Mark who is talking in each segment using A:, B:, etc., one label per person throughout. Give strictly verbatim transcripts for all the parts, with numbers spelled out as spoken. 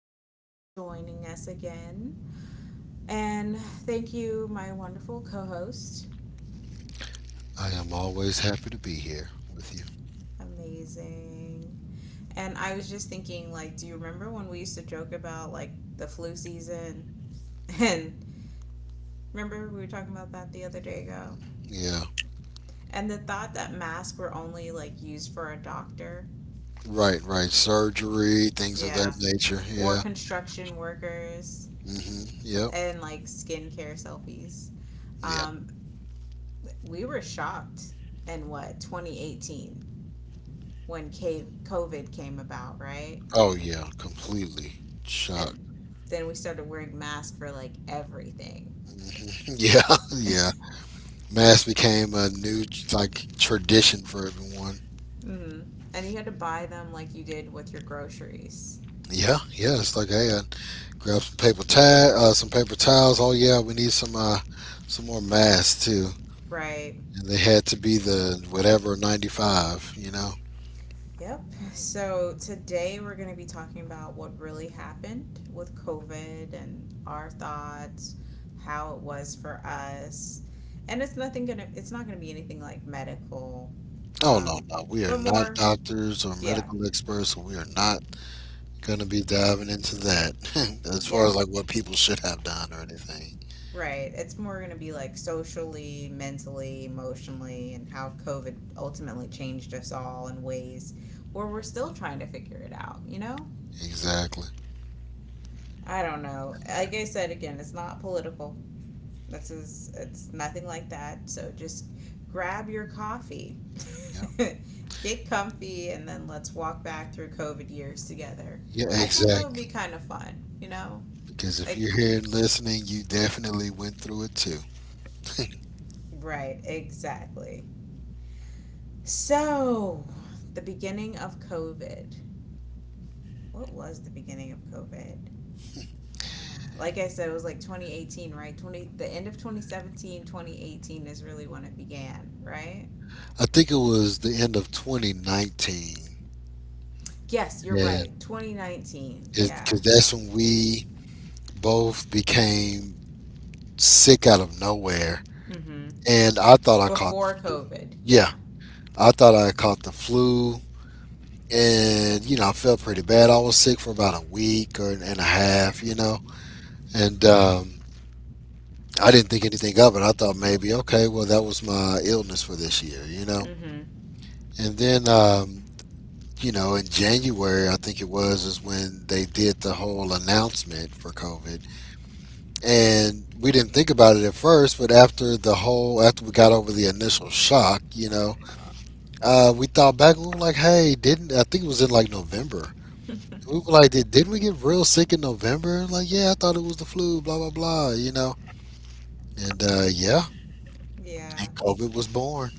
A: so much for joining us again. And thank you, my wonderful co host.
B: I am always happy to be here with you.
A: Amazing. And I was just thinking, like, do you remember when we used to joke about, like, the flu season? And remember we were talking about that the other day ago?
B: Yeah.
A: And the thought that masks were only, like, used for a doctor.
B: Right, right. Surgery, things of that
A: Yeah.
B: nature.
A: Or
B: Yeah.
A: construction workers
B: Mhm. Yep.
A: and, like, skincare selfies.
B: Yeah.
A: Um, we were shocked in what twenty eighteen when cave COVID came about, right?
B: Oh yeah, completely shocked.
A: And then we started wearing masks for like everything.
B: Mhm. Yeah, yeah. Mass became a new like tradition for everyone.
A: Mm-hmm. And you had to buy them like you did with your groceries.
B: Yeah, yeah. It's like, hey, uh, grab some paper towel, uh, some paper towels. Oh yeah, we need some, uh, some more masks too.
A: Right.
B: And they had to be the whatever ninety five. You know.
A: Yep. So today we're going to be talking about what really happened with COVID and our thoughts, how it was for us. And it's nothing going to it's not going to be anything like medical
B: No, no,
A: um
B: no. We are
A: but
B: not
A: more.
B: doctors or
A: Yeah.
B: medical experts, so we are not going to be diving into that as far as
A: Yep.
B: like what people should have done or anything.
A: Right. It's more going to be like socially, mentally, emotionally, and how COVID ultimately changed us all in ways where we're still trying to figure it out, you know?
B: Exactly.
A: I don't know. Like I said again, it's not political. This is It's nothing like that. So just grab your coffee.
B: Yeah.
A: Get comfy and then let's walk back through COVID years together.
B: Yeah,
A: I thought that would be
B: exactly.
A: kind of fun, you know?
B: Because if
A: Like
B: you're here and listening, you definitely went through it too.
A: right, exactly. So, the beginning of COVID. What was the beginning of COVID? Uh, like I said, it was like twenty eighteen, right? twenty The end of twenty seventeen, twenty eighteen is really when it began, right?
B: I think it was the end of twenty nineteen.
A: Yes, you're
B: And
A: right. twenty nineteen. Yeah.
B: because that's when we both became sick out of nowhere.
A: Mhm.
B: And I thought I caught the
A: Before
B: flu.
A: COVID.
B: Yeah.
A: Yeah.
B: I thought I caught the flu, and you know I felt pretty bad. I was sick for about a week or and a half, you know, and um, I didn't think anything of it. I thought maybe okay, well that was my illness for this year, you know,
A: Mhm.
B: and then, Um, you know, in January, I think it was, is when they did the whole announcement for COVID. And we didn't think about it at first, but after the whole, after we got over the initial shock, you know, uh, we thought back, we were like, hey, didn't, I think it was in like November. We were like, did, didn't we get real sick in November? Like, yeah, I thought it was the flu, blah, blah, blah, you know? And uh, yeah,
A: Yeah.
B: and COVID was born.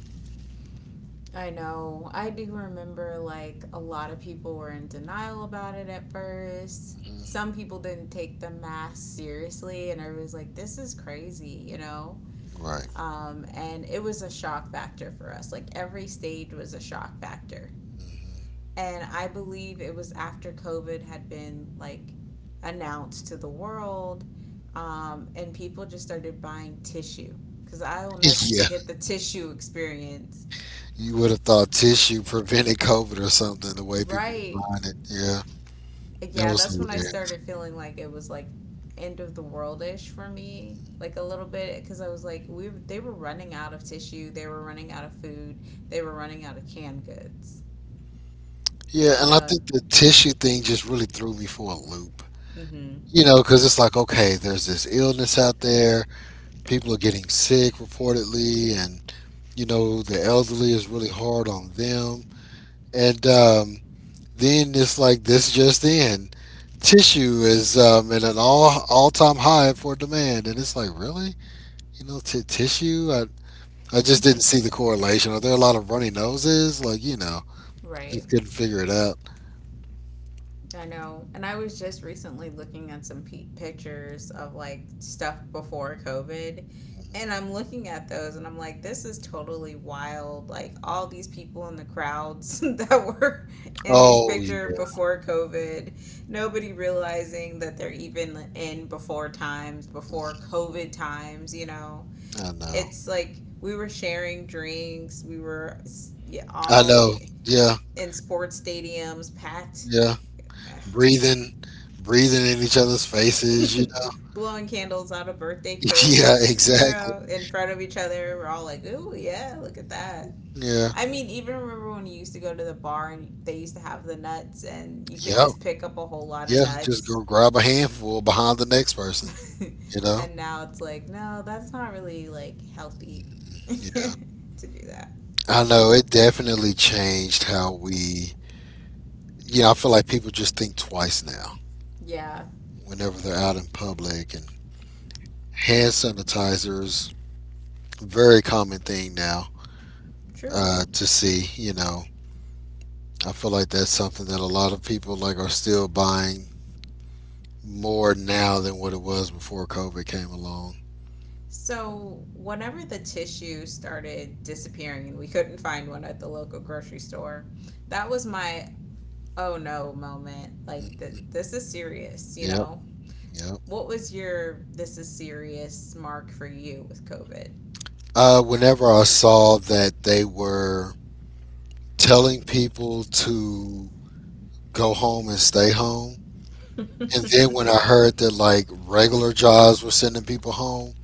A: I know. I do remember like a lot of people were in denial about it at first.
B: Mhm.
A: Some people didn't take the mask seriously and everyone was like, this is crazy, you know?
B: Right.
A: Um, and it was a shock factor for us. Like every stage was a shock factor. And I believe it was after COVID had been like announced to the world, um, and people just started buying tissue because I will never
B: Yeah.
A: forget the tissue experience.
B: You would have thought tissue prevented COVID or something, the way people were
A: Right.
B: buying it. Yeah. That
A: Yeah,
B: was
A: that's when I
B: hilarious.
A: started feeling like it was like end of the world ish for me, like a little bit, because I was like, we they were running out of tissue, they were running out of food, they were running out of canned goods,
B: Yeah,
A: you
B: and I
A: know.
B: think the tissue thing just really threw me for a loop.
A: Mm-hmm.
B: You know, because it's like, okay, there's this illness out there. People are getting sick reportedly, and, you know, the elderly is really hard on them. And, um, then it's like this just in. Tissue is, um, at an all all time high for demand, and it's like really, you know, t- tissue. I I just didn't see the correlation. Are there a lot of runny noses? Like you know,
A: Right.
B: just couldn't figure it out.
A: I know. And I was just recently looking at some pe- pictures of like stuff before COVID. And I'm looking at those and I'm like, this is totally wild. Like, all these people in the crowds that were in these
B: Oh
A: pictures
B: yeah,
A: before COVID, nobody realizing that they're even in before times, before COVID times, you know?
B: I know,
A: It's like we were sharing drinks, we were, yeah,
B: I
A: all
B: know. Yeah,
A: in sports stadiums, packed.
B: yeah.
A: Ugh,
B: Breathing, breathing in each other's faces. You know.
A: blowing candles out of birthday
B: Yeah,
A: cakes, you
B: exactly.
A: know, in front of each other. We're all like, ooh, yeah, look at that.
B: Yeah,
A: I mean, even remember when you used to go to the bar and they used to have the nuts and you could
B: yeah,
A: just pick up a whole lot of
B: yeah. Just
A: nuts.
B: go grab a handful behind the next person. You know.
A: And now it's like, no, that's not really like healthy
B: Yeah.
A: to do that.
B: I know it definitely changed how we, you know, I feel like people just think twice now
A: Yeah,
B: whenever they're out in public, and hand sanitizers, very common thing now
A: true.
B: uh, to see, you know. I feel like that's something that a lot of people like are still buying more now than what it was before COVID came along.
A: So, whenever the tissue started disappearing and we couldn't find one at the local grocery store, that was my oh no moment. Like the
B: Mhm.
A: this is serious, you
B: Yep,
A: know?
B: yep.
A: What was your this is serious mark for you with COVID?
B: Uh, whenever I saw that they were telling people to go home and stay home, and then when I heard that like regular jobs were sending people home,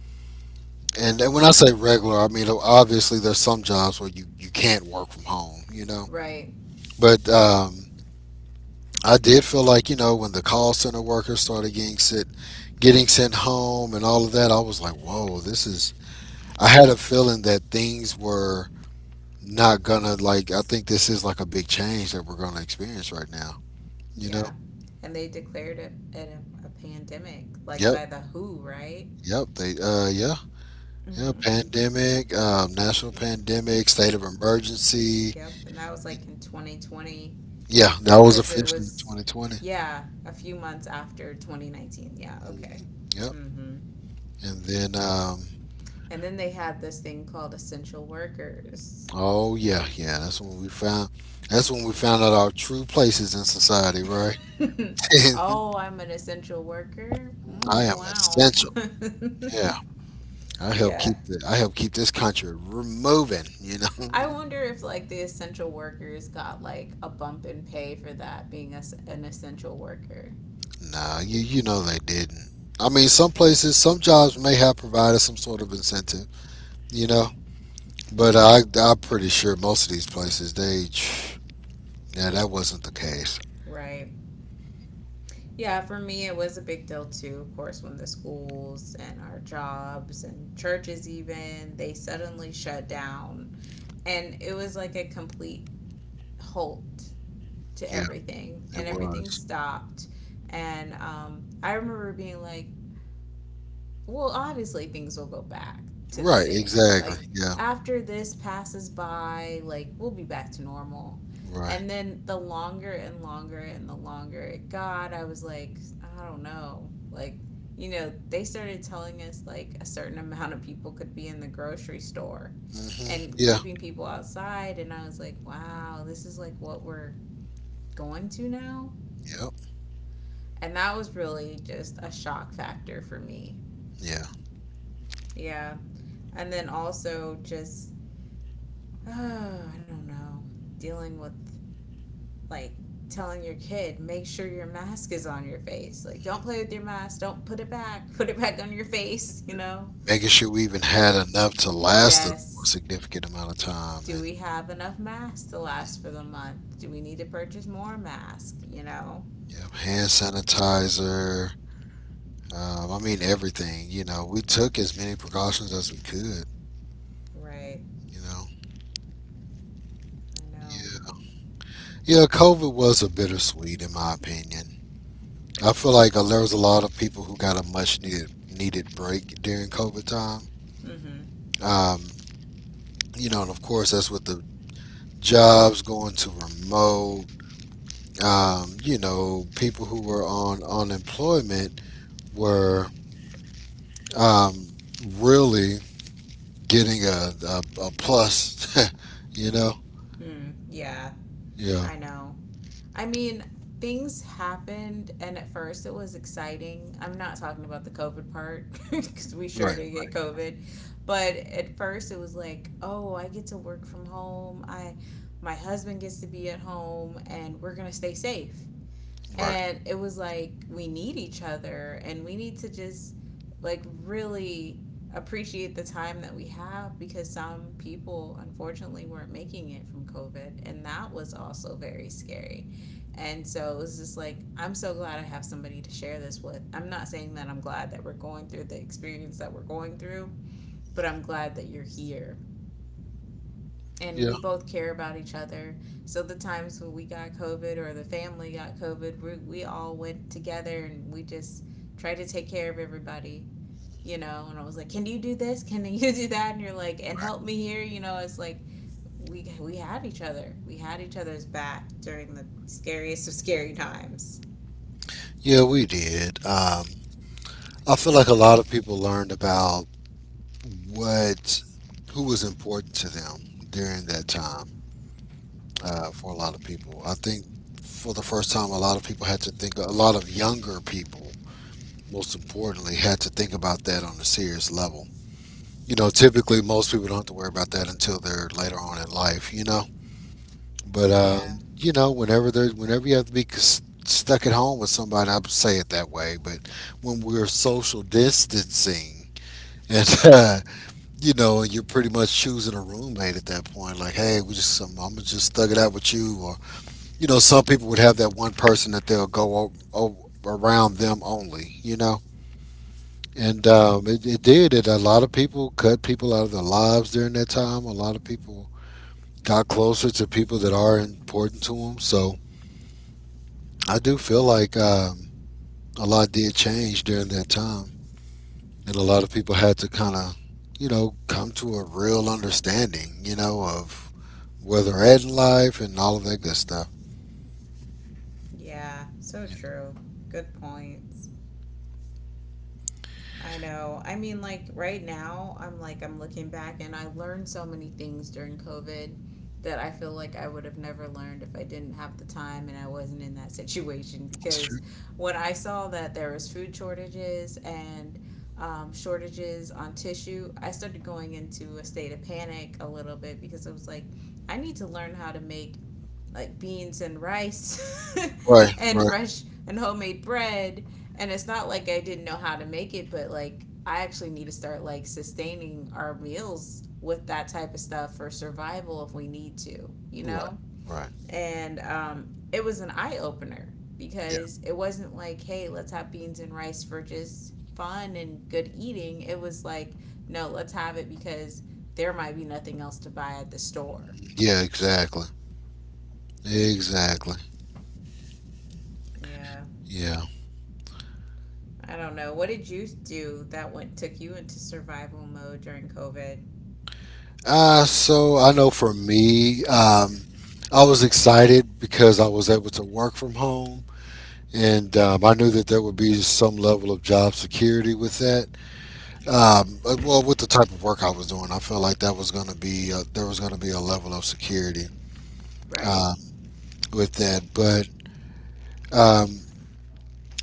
B: and, and when I say regular, I mean obviously there's some jobs where you you can't work from home, you know.
A: Right.
B: But um, I did feel like you know when the call center workers started getting sent getting sent home and all of that, I was like, whoa, this is. I had a feeling that things were not gonna like. I think this is like a big change that we're gonna experience right now. You know.
A: Yeah. And they declared it a, a pandemic, like
B: Yep.
A: by the W H O, right?
B: Yep. They. Uh. Yeah. Yeah,
A: Mm-hmm.
B: pandemic, um, national pandemic, state of emergency.
A: Yep. And that was like in twenty twenty,
B: Yeah, that was
A: because it
B: officially
A: was,
B: twenty twenty.
A: yeah, a few months after twenty nineteen. Yeah.
B: Mhm.
A: Okay.
B: Yep.
A: Mm-hmm.
B: And then, um,
A: And then they had this thing called essential workers.
B: oh yeah, yeah, that's when we found. That's when we found out our true places in society, right?
A: Oh, I'm an essential worker.
B: I
A: Mm,
B: am
A: wow.
B: essential. Yeah, I help
A: Yeah.
B: keep the. I help keep this country r- moving. You
A: I
B: know.
A: wonder if like the essential workers got like a bump in pay for that being a, an essential worker.
B: Nah, you you know they didn't. I mean, some places, some jobs may have provided some sort of incentive. You know, but I, I'm pretty sure most of these places, they, yeah, that wasn't the case.
A: Right. Yeah, for me it was a big deal too, of course, when the schools and our jobs and churches even, they suddenly shut down and it was like a complete halt to
B: Yeah,
A: everything
B: it
A: and everything
B: was.
A: stopped. And um, I remember being like, well, obviously things will go back to the
B: Right,
A: same.
B: exactly.
A: Like,
B: Yeah,
A: after this passes by, like, we'll be back to normal.
B: right.
A: And then the longer and longer and the longer it got, I was like, I don't know. Like, you know, they started telling us like a certain amount of people could be in the grocery store
B: Hmm.
A: and
B: Yeah,
A: keeping people outside. And I was like, wow, this is like what we're going to now.
B: yep,
A: And that was really just a shock factor for me.
B: yeah.
A: Yeah. And then also just, uh, I don't know, dealing with like telling your kid, make sure your mask is on your face. Like, don't play with your mask. Don't put it back. Put it back on your face, you know?
B: Making sure we even had enough to last us for a
A: Yes.
B: significant amount of time.
A: Do we have enough masks to last for
B: And
A: the month? Do we need to purchase more masks, you know?
B: yeah, hand sanitizer. Um, I mean, everything. You know, we took as many precautions as we could,
A: Right.
B: you know.
A: I know.
B: Yeah. Yeah, COVID was a bittersweet, in my opinion. I feel like uh, there was a lot of people who got a much needed needed break during COVID time.
A: Mm hmm.
B: Um, you know, and of course that's with the jobs going to remote. Um, you know, people who were on unemployment were, um, really getting a, a, a plus. You know,
A: Mm, yeah.
B: yeah,
A: I know. I mean, things happened, and at first it was exciting. I'm not talking about the COVID part because we sure
B: right,
A: did get COVID, but at first it was like, oh, I get to work from home. I, my husband gets to be at home, and we're gonna stay safe
B: right,
A: and it was like we need each other and we need to just like really appreciate the time that we have because some people unfortunately weren't making it from covid and that was also very scary and so it was just like I'm so glad I have somebody to share this with. I'm not saying that I'm glad that we're going through the experience that we're going through, but I'm glad that you're here and
B: yeah,
A: we both care about each other. So the times when we got COVID or the family got COVID, we, we all went together and we just tried to take care of everybody, you know. And I was like, "Can you do this? Can you do that?" And you're like, "And help
B: right.
A: me here," you know. It's like we we had each other. We had each other's back during the scariest of scary times.
B: Yeah, we did. Um, I feel like a lot of people learned about what who was important to them during that time. Uh, for a lot of people, I think for the first time, a lot of people had to think. A lot of younger people, most importantly, had to think about that on a serious level. You know, typically most people don't have to worry about that until they're later on in life. You know, but
A: Yeah,
B: um, you know, whenever there's whenever you have to be c- stuck at home with somebody, I say it that way. But when we're social distancing and you know, and you're pretty much choosing a roommate at that point. Like, hey, we just I'm, I'm gonna just thug it out with you, or you know, some people would have that one person that they'll go o- o- around them only, you know. And um, it, it did. It A lot of people cut people out of their lives during that time. A lot of people got closer to people that are important to them. So I do feel like um, a lot did change during that time, and a lot of people had to kind of, you know, come to a real understanding, you know, of where they're at in life and all of that good stuff.
A: yeah, so
B: Yeah,
A: true. Good points. I know. I mean, like right now, I'm like, I'm looking back and I learned so many things during COVID that I feel like I would have never learned if I didn't have the time and I wasn't in that situation.
B: that's
A: Because
B: true.
A: when I saw that there was food shortages and um, shortages on tissue, I started going into a state of panic a little bit because I was like, I need to learn how to make like beans and rice
B: Right,
A: and
B: right,
A: fresh and homemade bread and it's not like I didn't know how to make it but like I actually need to start like sustaining our meals with that type of stuff for survival if we need to, you
B: right,
A: know?
B: right.
A: And um it was an eye opener
B: Yeah.
A: because it wasn't like, hey, let's have beans and rice for just fun and good eating. It was like, no, let's have it because there might be nothing else to buy at the store.
B: Yeah, exactly. Exactly.
A: Yeah.
B: Yeah.
A: I don't know. What did you do that went took you into survival mode during COVID?
B: Uh, so I know for me, um, I was excited because I was able to work from home. And um, I knew that there would be some level of job security with that. Um, uh, well, with the type of work I was doing, I felt like that was going to be uh, there was going to be a level of security
A: Right.
B: uh, with that. But um,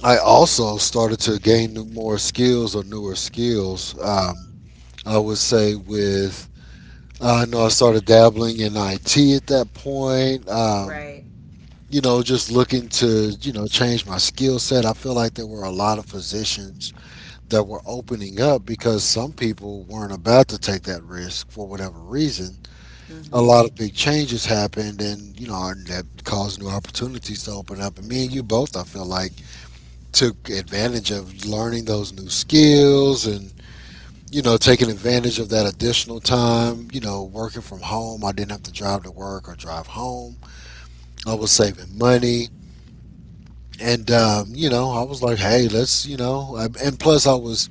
B: I also started to gain new- more skills or newer skills. Um, I would say with uh, I know I started dabbling in I T at that point. Um,
A: Right.
B: you know, just looking to you know change my skill set. I feel like there were a lot of positions that were opening up because some people weren't about to take that risk for whatever reason. A
A: Mm-hmm.
B: lot of big changes happened, and you know, and that caused new opportunities to open up. And me and you both, I feel like took advantage of learning those new skills, and you know taking advantage of that additional time, you know working from home. I didn't have to drive to work or drive home. I was saving money, and um, you know I was like hey let's you know I- and plus I was,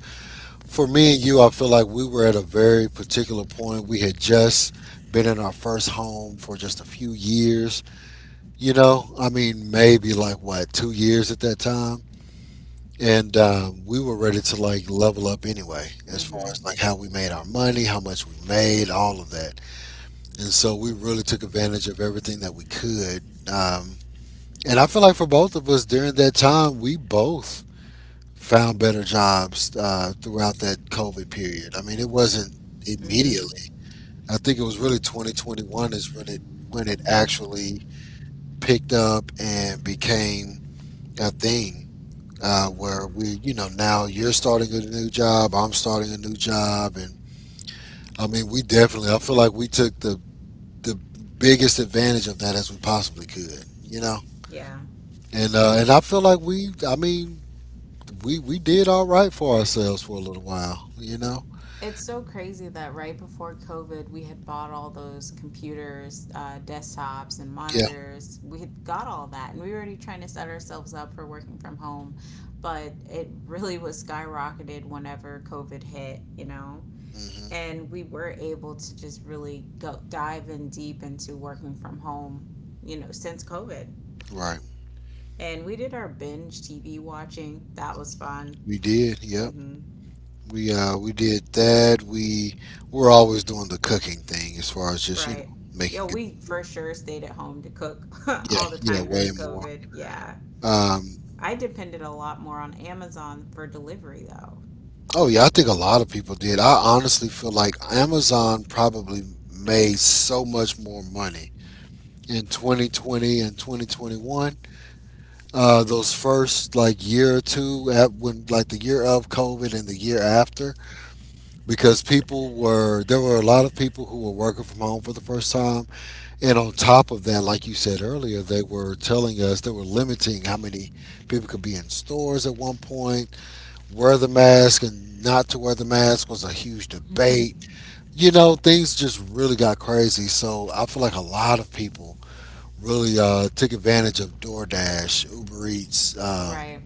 B: for me and you I feel like we were at a very particular point. We had just been in our first home for just a few years, you know I mean maybe like what, two years at that time. And um, we were ready to like level up anyway, as far
A: Mm-hmm.
B: as like how we made our money, how much we made, all of that. And so we really took advantage of everything that we could, um, and I feel like for both of us during that time we both found better jobs uh, throughout that COVID period. I mean it wasn't
A: Mm-hmm.
B: immediately. I think it was really twenty twenty-one is when it when it actually picked up and became a thing, uh, where we, you know, now you're starting a new job, I'm starting a new job, and I mean, we definitely, I feel like we took the the biggest advantage of that as we possibly could, you know,
A: Yeah.
B: and uh, and I feel like we, I mean, we we did all right for ourselves for a little while, you know,
A: It's so crazy that right before COVID, we had bought all those computers, uh, desktops, and
B: yeah,
A: monitors. We had got all that, and we were already trying to set ourselves up for working from home. But it really was skyrocketed whenever COVID hit, you know?
B: hmm
A: And we were able to just really go dive in deep into working from home, you know, since COVID.
B: right,
A: And we did our binge T V watching. That was fun.
B: we did, yep.
A: Mm-hmm.
B: We uh we did that. We we're always doing the cooking thing as far as just you know
A: Right. Yo,
B: making good
A: we for
B: food.
A: sure stayed at home to cook
B: Yeah,
A: all the
B: yeah,
A: time
B: way
A: during
B: more.
A: COVID. Yeah.
B: Um,
A: I depended a lot more on Amazon for delivery though.
B: Oh yeah, I think a lot of people did. I honestly feel like Amazon probably made so much more money in twenty twenty and twenty twenty-one. Uh, those first like year or two at when like the year of COVID and the year after, because people were there were a lot of people who were working from home for the first time, and on top of that, like you said earlier, they were telling us they were limiting how many people could be in stores at one point. Wear the mask and not to wear the mask was a huge debate. You know, things just really got crazy. So I feel like a lot of people really uh, took advantage of DoorDash, Uber Eats, um,
A: Right.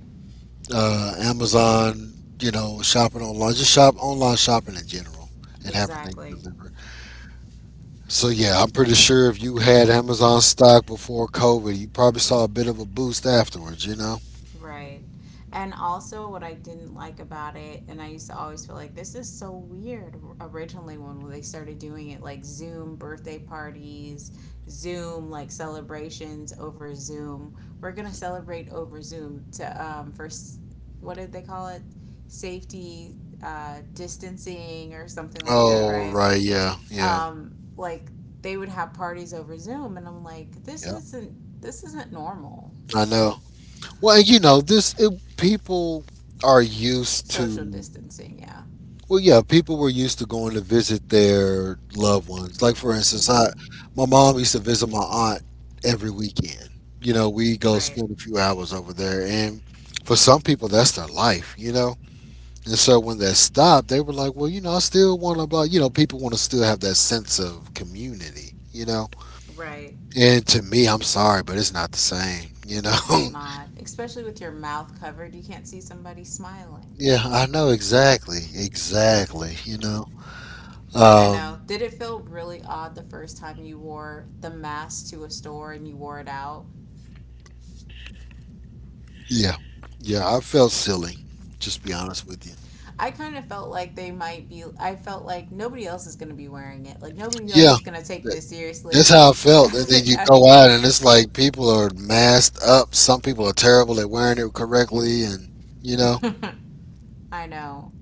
B: uh, Amazon. You know, shopping online, just shop online shopping in general, and having things
A: Exactly.
B: delivered. So yeah, I'm pretty sure if you had Amazon stock before COVID, you probably saw a bit of a boost afterwards. You know.
A: Right. And also, what I didn't like about it, and I used to always feel like this is so weird originally when they started doing it like Zoom birthday parties, Zoom like celebrations over Zoom. We're going to celebrate over Zoom to, um, for s- what did they call it? Safety uh, distancing or something like that,
B: Oh
A: right?
B: right, yeah, yeah,
A: Um, like they would have parties over Zoom, and I'm like, this
B: yeah.
A: isn't. This isn't normal
B: I know. Well, and you know, this it, people are used
A: social
B: to.
A: distancing, yeah.
B: Well, yeah, people were used to going to visit their loved ones. Like for instance, I
A: Mm-hmm.
B: my mom used to visit my aunt every weekend. You know, we go
A: Right.
B: spend a few hours over there, and for some people, that's their life. You know, and so when that stopped, they were like, "Well, you know, I still want to." Blah, you know, people want to still have that sense of community. You know,
A: Right.
B: and to me, I'm sorry, but it's not the same. You know.
A: It's not. Especially with your mouth covered, you can't see somebody smiling.
B: Yeah, I know exactly, exactly. You know.
A: I
B: um,
A: know. Did it feel really odd the first time you wore the mask to a store and you wore it out?
B: Yeah. Yeah. I felt silly. Just be honest with you.
A: I kind of felt like they might be, I felt like nobody else is going to be wearing it. Like nobody else
B: Yeah.
A: is going to take
B: That,
A: this
B: that's
A: seriously.
B: how I felt. And then you go out and it's like people are masked up. Some people are terrible at wearing it correctly. And, you know,
A: I know.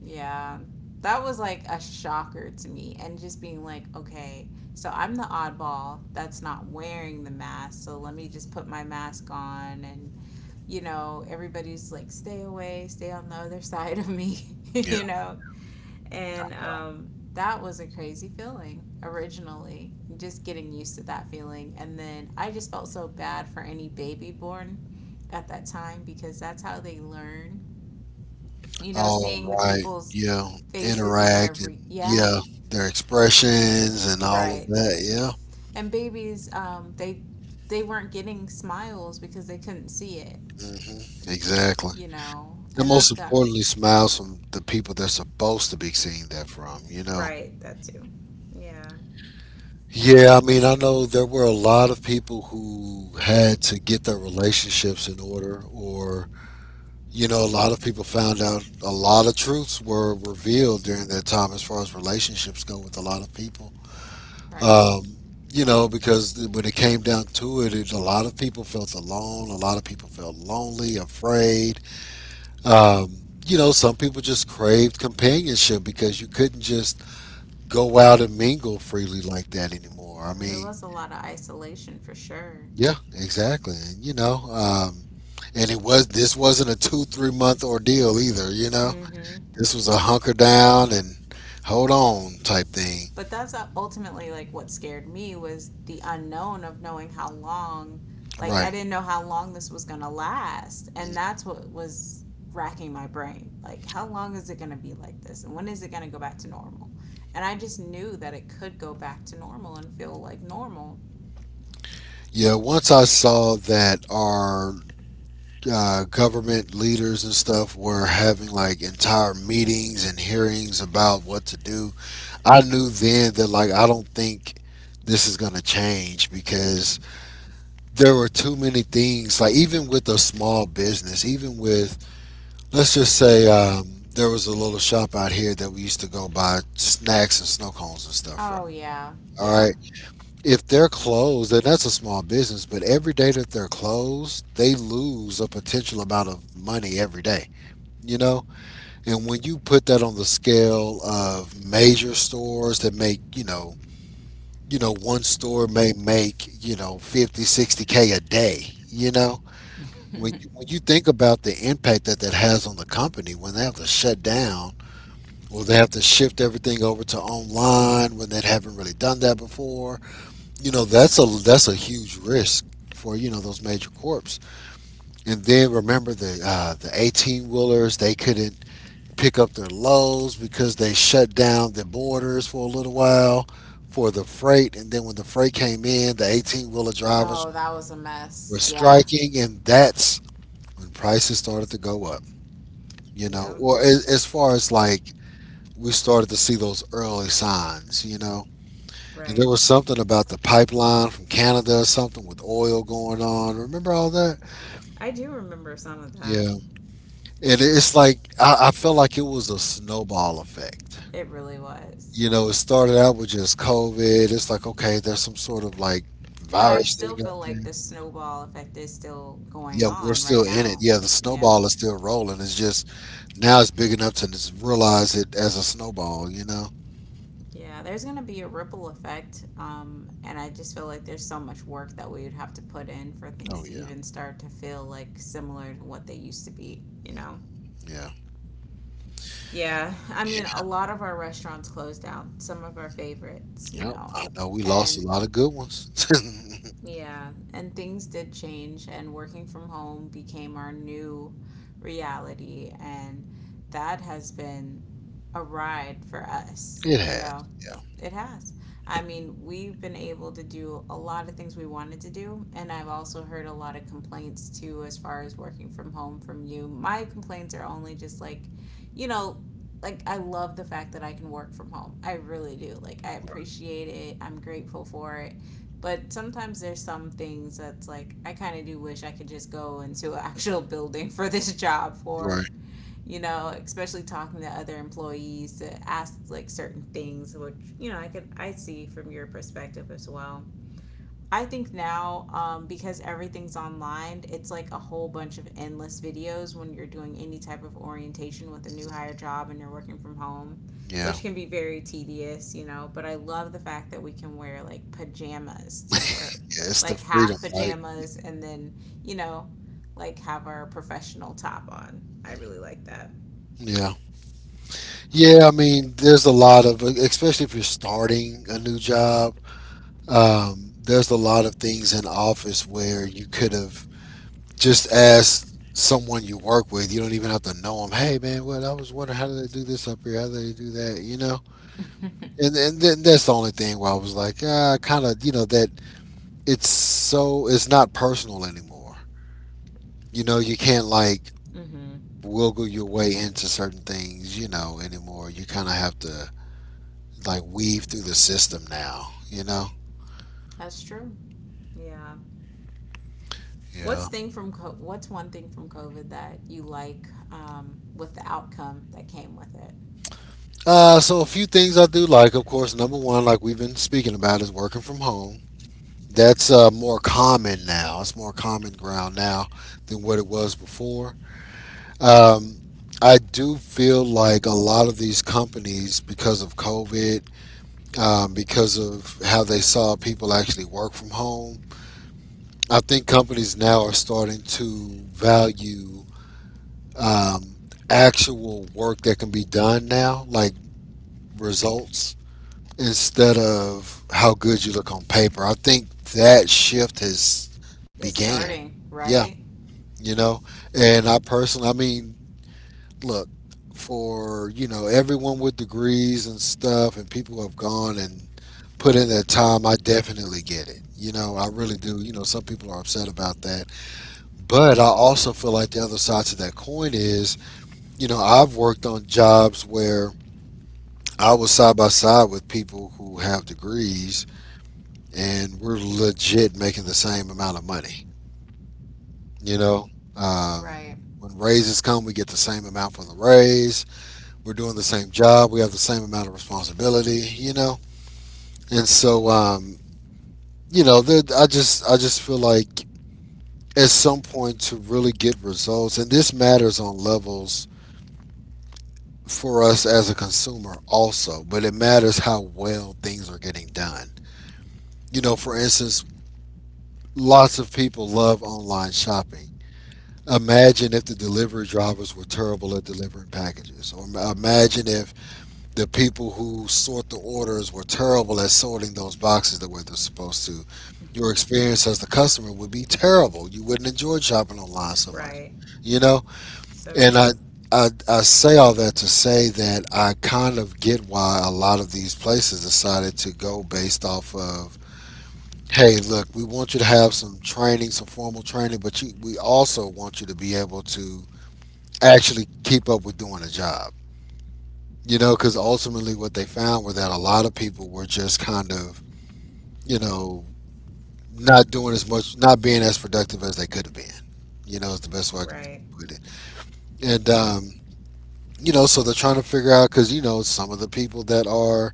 A: Yeah. That was like a shocker to me. And just being like, okay, so I'm the oddball that's not wearing the mask. So let me just put my mask on. And, you know, everybody's like, stay away, stay on the other side of me,
B: Yeah.
A: you know? And um, that was a crazy feeling originally, just getting used to that feeling. And then I just felt so bad for any baby born at that time because that's how they learn. You know,
B: All
A: seeing the
B: right.
A: people's
B: Yeah.
A: faces and their
B: Interact and,
A: re- yeah,
B: yeah, their expressions and all of
A: right.
B: that. Yeah.
A: And babies, um they they weren't getting smiles because they couldn't see it,
B: Hmm. Exactly.
A: you know,
B: And
A: and
B: most
A: that's got to.
B: importantly, smiles from the people they're supposed to be seeing that from, you know?
A: Right, that too. Yeah,
B: Yeah, I mean, I know there were a lot of people who had to get their relationships in order, or, you know, a lot of people found out a lot of truths were revealed during that time as far as relationships go with a lot of people.
A: right.
B: Um, you know, because th- when it came down to it, it, a lot of people felt alone, a lot of people felt lonely, afraid. Um, you know, some people just craved companionship because you couldn't just go out and mingle freely like that anymore. I
A: Yeah, there
B: mean,
A: was a lot of isolation for sure.
B: yeah, exactly. And you know, um, and it was this wasn't a two three month ordeal either. You know,
A: Mm-hmm.
B: this was a hunker down and hold on type thing.
A: But that's uh, ultimately like what scared me was the unknown of knowing how long. Like I
B: Right.
A: didn't know how long this was going to last, and that's what was racking my brain. Like, how long is it going to be like this, and when is it going to go back to normal? And I just knew that it could go back to normal and feel like normal.
B: Yeah. Once I saw that our uh, government leaders and stuff were having like entire meetings and hearings about what to do, I knew then that like I don't think this is going to change because there were too many things like even with a small business, even with, let's just say, um, there was a little shop out here that we used to go buy snacks and snow cones and stuff from.
A: Oh yeah.
B: All
A: Yeah.
B: right. If they're closed, and that's a small business, but every day that they're closed, they lose a potential amount of money every day, you know? And when you put that on the scale of major stores that make, you know, you know, one store may make, you know, fifty, sixty K a day, you know? When you, when you think about the impact that that has on the company, when they have to shut down. Will they have to shift everything over to online when they haven't really done that before? You know, that's a that's a huge risk for you know those major corps. And then remember the uh, the eighteen wheelers, they couldn't pick up their loads because they shut down the borders for a little while for the freight. And then when the freight came in, the eighteen wheeler drivers
A: Oh, that was a
B: were
A: mess, yeah.
B: striking, and that's when prices started to go up. You know,
A: Yep.
B: or as, as far as like we started to see those early signs. You know And
A: Right.
B: there was something about the pipeline from Canada, something with oil going on. Remember all that?
A: I do remember some of that.
B: Yeah. And it's like, I, I felt like it was a snowball effect.
A: It really was.
B: You know, it started out with just COVID. It's like, okay, there's some sort of like
A: But I
B: virus
A: still
B: thing
A: feel
B: out there.
A: like the snowball effect is still going
B: Yeah, we're
A: on right
B: still in it.
A: now.
B: Yeah, the snowball
A: Yeah.
B: is still rolling. It's just now it's big enough to just realize it as a snowball, you know?
A: Yeah, there's going to be a ripple effect. Um, and I just feel like there's so much work that we would have to put in for things
B: Oh,
A: to
B: yeah.
A: even start to feel like similar to what they used to be, you know?
B: Yeah.
A: Yeah. I mean,
B: Yeah.
A: a lot of our restaurants closed down, some of our favorites, you
B: Yep.
A: know?
B: I know we lost a
A: And
B: lot of good ones.
A: yeah, and things did change, and working from home became our new reality, and that has been a ride for us,
B: It
A: you
B: has.
A: know.
B: Yeah.
A: It has. I mean, we've been able to do a lot of things we wanted to do, and I've also heard a lot of complaints too as far as working from home from you. My complaints are only just like, you know, like I love the fact that I can work from home. I really do. Like, I appreciate it. I'm grateful for it, but sometimes there's some things that's like I kind of do wish I could just go into an actual building for this job for,
B: Right.
A: you know, especially talking to other employees to ask like certain things, which you know I could. I see from your perspective as well. I think now, um, because everything's online, it's like a whole bunch of endless videos when you're doing any type of orientation with a new hire job and you're working from home,
B: Yeah.
A: which can be very tedious, you know. But I love the fact that we can wear like pajamas to work,
B: Yeah, it's the
A: like
B: freedom,
A: half
B: right?
A: pajamas, and then, you know, like have our professional top on. I
B: Mhm.
A: really like that.
B: Yeah. Yeah,
A: Yeah.
B: I mean, there's a lot of, especially if you're starting a new job, um, there's a lot of things in office where you could have just asked someone you work with. You don't even have to know them. Hey, man, what? I was wondering how do they do this up here? How do they do that? You know? And, and then that's the only thing where I was like, ah, kind of, you know, that it's so, it's not personal anymore. You know, you can't like,
A: Hmm.
B: wiggle your way into certain things, you know, anymore. You kind of have to like weave through the system now, you know.
A: That's true. Yeah.
B: Yeah.
A: What's thing from what's one thing from COVID that you like, um, with the outcome that came with it?
B: Uh, so a few things I do like, of course. Number one, like we've been speaking about, is working from home. That's uh, more common now. It's more common ground now than what it was before. Um, I do feel like a lot of these companies, because of COVID, um, because of how they saw people actually work from home, I think companies now are starting to value um, actual work that can be done now, like results, instead of how good you look on paper. I think that shift has
A: It's
B: began.
A: starting,
B: Yeah,
A: right?
B: you know, and I personally, I mean, look, for you know everyone with degrees and stuff, and people who have gone and put in their time, I definitely get it. You know, I really do. You know, some people are upset about that. But I also feel like the other side to that coin is, you know, I've worked on jobs where I was side by side with people who have degrees and we're legit making the same amount of money. You know, um,
A: Right.
B: when raises come, we get the same amount for the raise. We're doing the same job. We have the same amount of responsibility. You know, and so um, you know, there, I just I just feel like at some point to really get results, and this matters on levels for us as a consumer also, but it matters how well things are getting done. You know, for instance, lots of people love online shopping. Imagine if the delivery drivers were terrible at delivering packages, or imagine if the people who sort the orders were terrible at sorting those boxes the way they're supposed to. Your experience as the customer would be terrible. You wouldn't enjoy shopping online so much,
A: Right.
B: you know?
A: So
B: And I,
A: true.
B: I, I say all that to say that I kind of get why a lot of these places decided to go based off of, hey, look, we want you to have some training, some formal training, but you, we also want you to be able to actually keep up with doing a job. You know, because ultimately what they found were that a lot of people were just kind of, you know, not doing as much, not being as productive as they could have been. You know, is the best way I can
A: Right.
B: put it. And um, you know, so they're trying to figure out because you know some of the people that are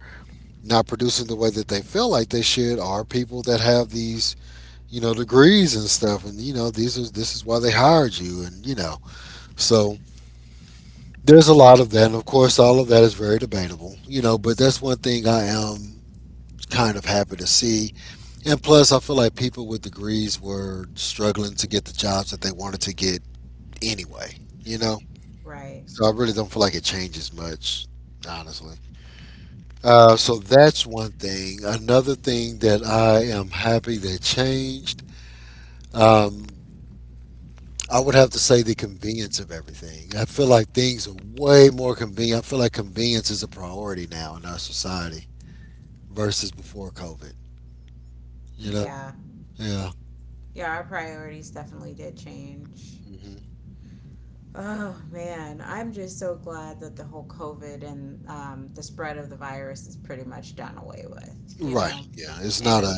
B: not producing the way that they feel like they should are people that have these you know degrees and stuff, and you know these are this is why they hired you, and you know so there's a lot of that, and of course all of that is very debatable, you know, but that's one thing I am kind of happy to see, and plus I feel like people with degrees were struggling to get the jobs that they wanted to get anyway, you know,
A: Right.
B: so I really don't feel like it changes much, honestly. Uh, so that's one thing. Another thing that I am happy that changed, um, I would have to say the convenience of everything. I feel like things are way more convenient. I feel like convenience is a priority now in our society versus before COVID. You know?
A: Yeah.
B: Yeah.
A: Yeah, our priorities definitely did change.
B: Hmm.
A: Oh man, I'm just so glad that the whole COVID and um, the spread of the virus is pretty much done away with, you
B: Right.
A: know.
B: Yeah. It's
A: And
B: not a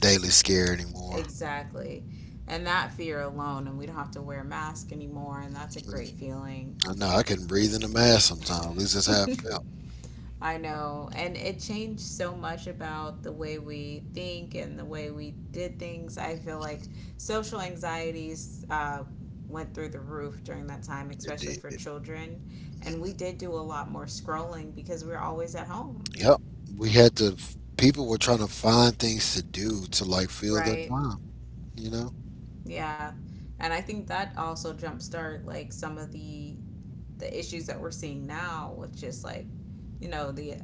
B: daily scare anymore.
A: exactly. And that fear alone, and we don't have to wear masks anymore, and that's a great
B: Mhm.
A: feeling.
B: I know. I couldn't breathe in a mask sometimes. At least that's how I felt.
A: I know. And it changed so much about the way we think and the way we did things. I feel like social anxieties uh, went through the roof during that time,
B: It
A: especially for
B: did.
A: children. And
B: Hmm.
A: we did do a lot more scrolling because we were always at home.
B: Yep. We had to People were trying to find things to do to like fill their
A: Right.
B: time, you know?
A: Yeah. And I think that also jumpstart like some of the the issues that we're seeing now with just like, you know, the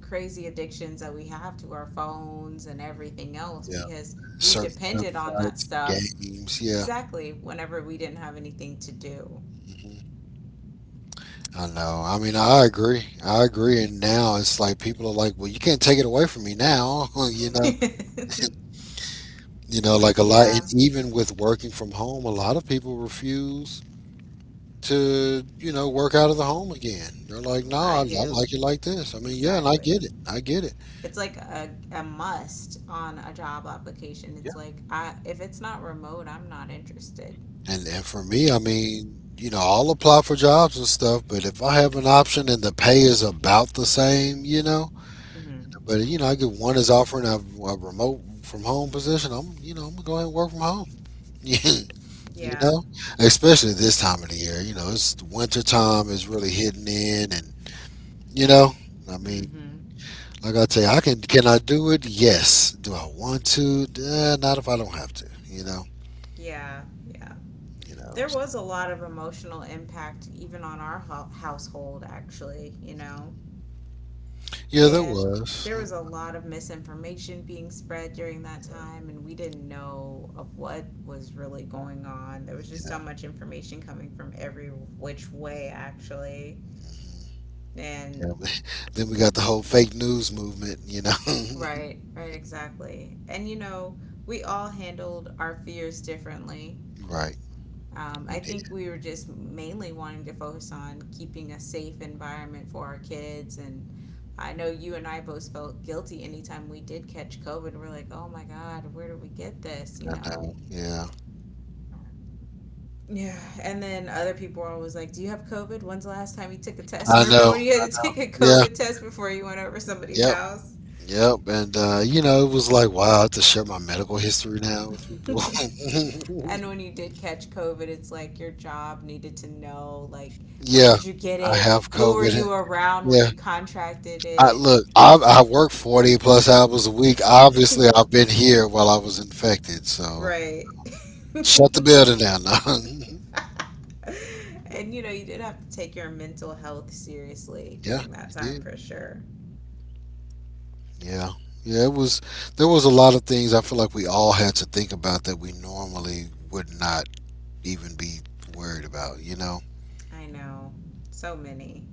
A: crazy addictions that we have to our phones and everything else
B: Yeah.
A: because we
B: Certain
A: depended on that
B: websites,
A: stuff,
B: games, yeah.
A: exactly, whenever we didn't have anything to do.
B: Hmm. I know. I mean, I agree. I agree. And now it's like people are like, well, you can't take it away from me now, you know? You know, like a lot, and
A: Yeah,
B: even with working from home, a lot of people refuse to, you know, work out of the home again. They're like, no,
A: well,
B: I,
A: I
B: I
A: do.
B: like it like this. I mean, yeah, and I
A: Exactly.
B: get it. I get it.
A: It's like a, a must on a job application. It's like, I, if it's not remote, I'm not interested.
B: And and for me, I mean, you know, I'll apply for jobs and stuff, but if I have an option and the pay is about the same, you know,
A: Mm-hmm.
B: but you know, I get one is offering a, a remote from home position, I'm, you know, I'm gonna go ahead and work from home. You
A: Yeah.
B: know, especially this time of the year, you know, it's winter time is really hitting in, and you know, I mean,
A: Mm-hmm.
B: like I tell you, I can can I do it? Yes. Do I want to? Uh, not if I don't have to. You know.
A: Yeah. Yeah.
B: You know.
A: There was a lot of emotional impact even on our household actually, you know
B: Yeah, there
A: and
B: was.
A: there was a lot of misinformation being spread during that time and we didn't know of what was really going on. There was just so
B: Yeah.
A: much information coming from every which way actually.
B: Yeah,
A: And
B: but then we got the whole fake news movement, you know.
A: right, right, exactly. And you know we all handled our fears differently.
B: Right.
A: Um,
B: We
A: I
B: did.
A: think we were just mainly wanting to focus on keeping a safe environment for our kids. And I know you and I both felt guilty anytime we did catch COVID. We're like, oh my God, where did we get this? You
B: I
A: know?
B: know. Yeah.
A: Yeah. And then other people were always like, do you have COVID? When's the last time you took a test?
B: I
A: Remember
B: know.
A: when you had to take a
B: Yeah.
A: COVID test before you went over somebody's
B: Yep.
A: house?
B: Yep. And uh, you know, it was like, wow, I have to share my medical history now with people.
A: And when you did catch COVID, it's like your job needed to know, like, when
B: Yeah.
A: did you get
B: I
A: it?
B: have
A: Who were
B: COVID.
A: you around when
B: Yeah.
A: you contracted
B: I
A: it?
B: look, I I work forty plus hours a week. Obviously, I've been here while I was infected, so
A: Right.
B: shut the building down. Now.
A: And you know, you did have to take your mental health seriously
B: Yeah,
A: during that
B: you
A: time
B: did.
A: for sure.
B: Yeah. Yeah, it was there was a lot of things I feel like we all had to think about that we normally would not even be worried about, you know.
A: I know. So many.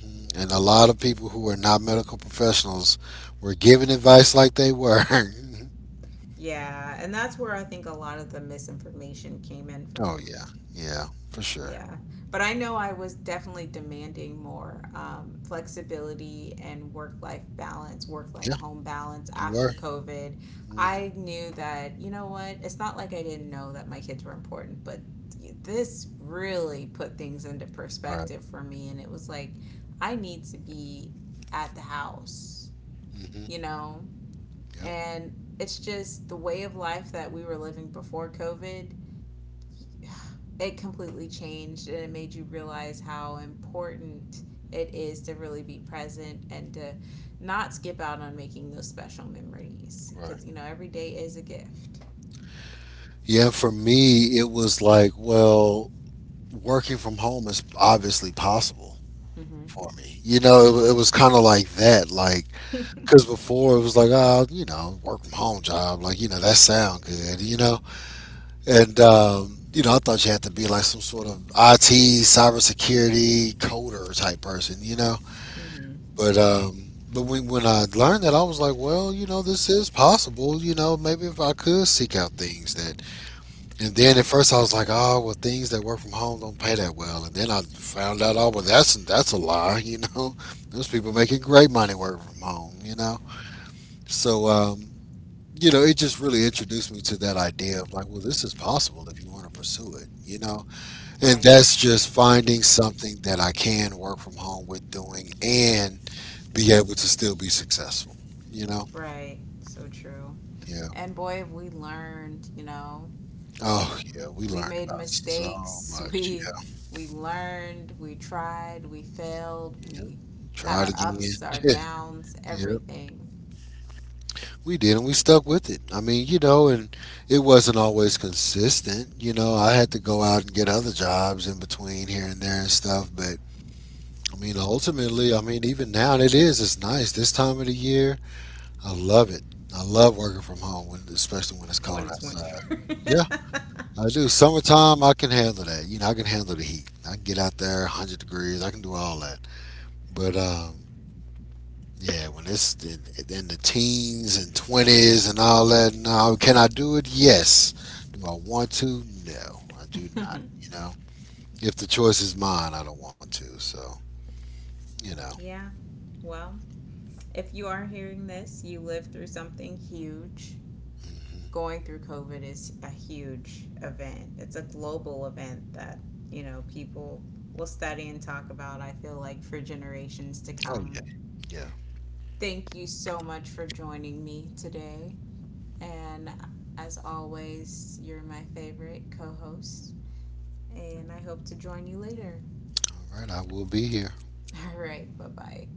B: Hmm. And a lot of people who are not medical professionals were giving advice like they were.
A: Yeah, and that's where I think a lot of the misinformation came in
B: Oh
A: from.
B: yeah. Yeah, for sure.
A: Yeah. But I know I was definitely demanding more, um, flexibility and work life balance, work life
B: Yeah,
A: home balance
B: you were.
A: after COVID.
B: Hmm.
A: I knew that, you know what, it's not like I didn't know that my kids were important, but this really put things into
B: Right.
A: perspective for me. And it was like, I need to be at the house, you
B: Hmm.
A: know?
B: Yep.
A: And it's just the way of life that we were living before COVID, it completely changed and it made you realize how important it is to really be present and to not skip out on making those special memories
B: Right.
A: because you know every day is a gift.
B: Yeah, for me it was like, well, working from home is obviously possible
A: Mm-hmm.
B: for me. You know, it, it was kind of like that. Like because before it was like, oh, you know, work from home job, like you know that sound good, you know, and um, you know, I thought you had to be like some sort of I T cybersecurity coder type person, you know,
A: Mm-hmm.
B: but um, but when when I learned that, I was like, well, you know, this is possible, you know, maybe if I could seek out things that, and then at first I was like, oh, well, things that work from home don't pay that well, and then I found out, oh, well, that's that's a lie, you know, those people making great money working from home, you know, so. Um, you know, it just really introduced me to that idea of like, well, this is possible if you want to pursue it, you know? And
A: Right,
B: that's just finding something that I can work from home with doing and be able to still be successful, you know?
A: right, so true.
B: Yeah.
A: And boy, have we learned, you know.
B: Oh, yeah. We
A: we
B: learned
A: made
B: about so
A: mistakes
B: much.
A: we
B: Yeah.
A: we learned, we tried, we failed,
B: Yep.
A: we had
B: Try it
A: our ups, our
B: again.
A: downs,
B: Yep.
A: everything.
B: We did, and we stuck with it. I mean, you know, and it wasn't always consistent. You know, I had to go out and get other jobs in between here and there and stuff, but I mean, ultimately, I mean, even now it is. It's nice this time of the year. I love it. I love working from home, when, especially when it's
A: When
B: cold
A: it's winter.
B: outside. Yeah, I do. Summertime, I can handle that. You know, I can handle the heat. I can get out there, one hundred degrees. I can do all that. But um, Yeah, when it's in, in the teens and twenties and all that, no, can I do it? Yes. Do I want to? No, I do not. You know, if the choice is mine, I don't want to. So, you know.
A: Yeah. Well, if you are hearing this, you lived through something huge.
B: Hmm.
A: Going through COVID is a huge event. It's a global event that, you know, people will study and talk about, I feel like, for generations to
B: Oh yeah,
A: come.
B: yeah.
A: Thank you so much for joining me today. And as always, you're my favorite co host. And I hope to join you later.
B: All right, I will be here.
A: All right. Bye bye.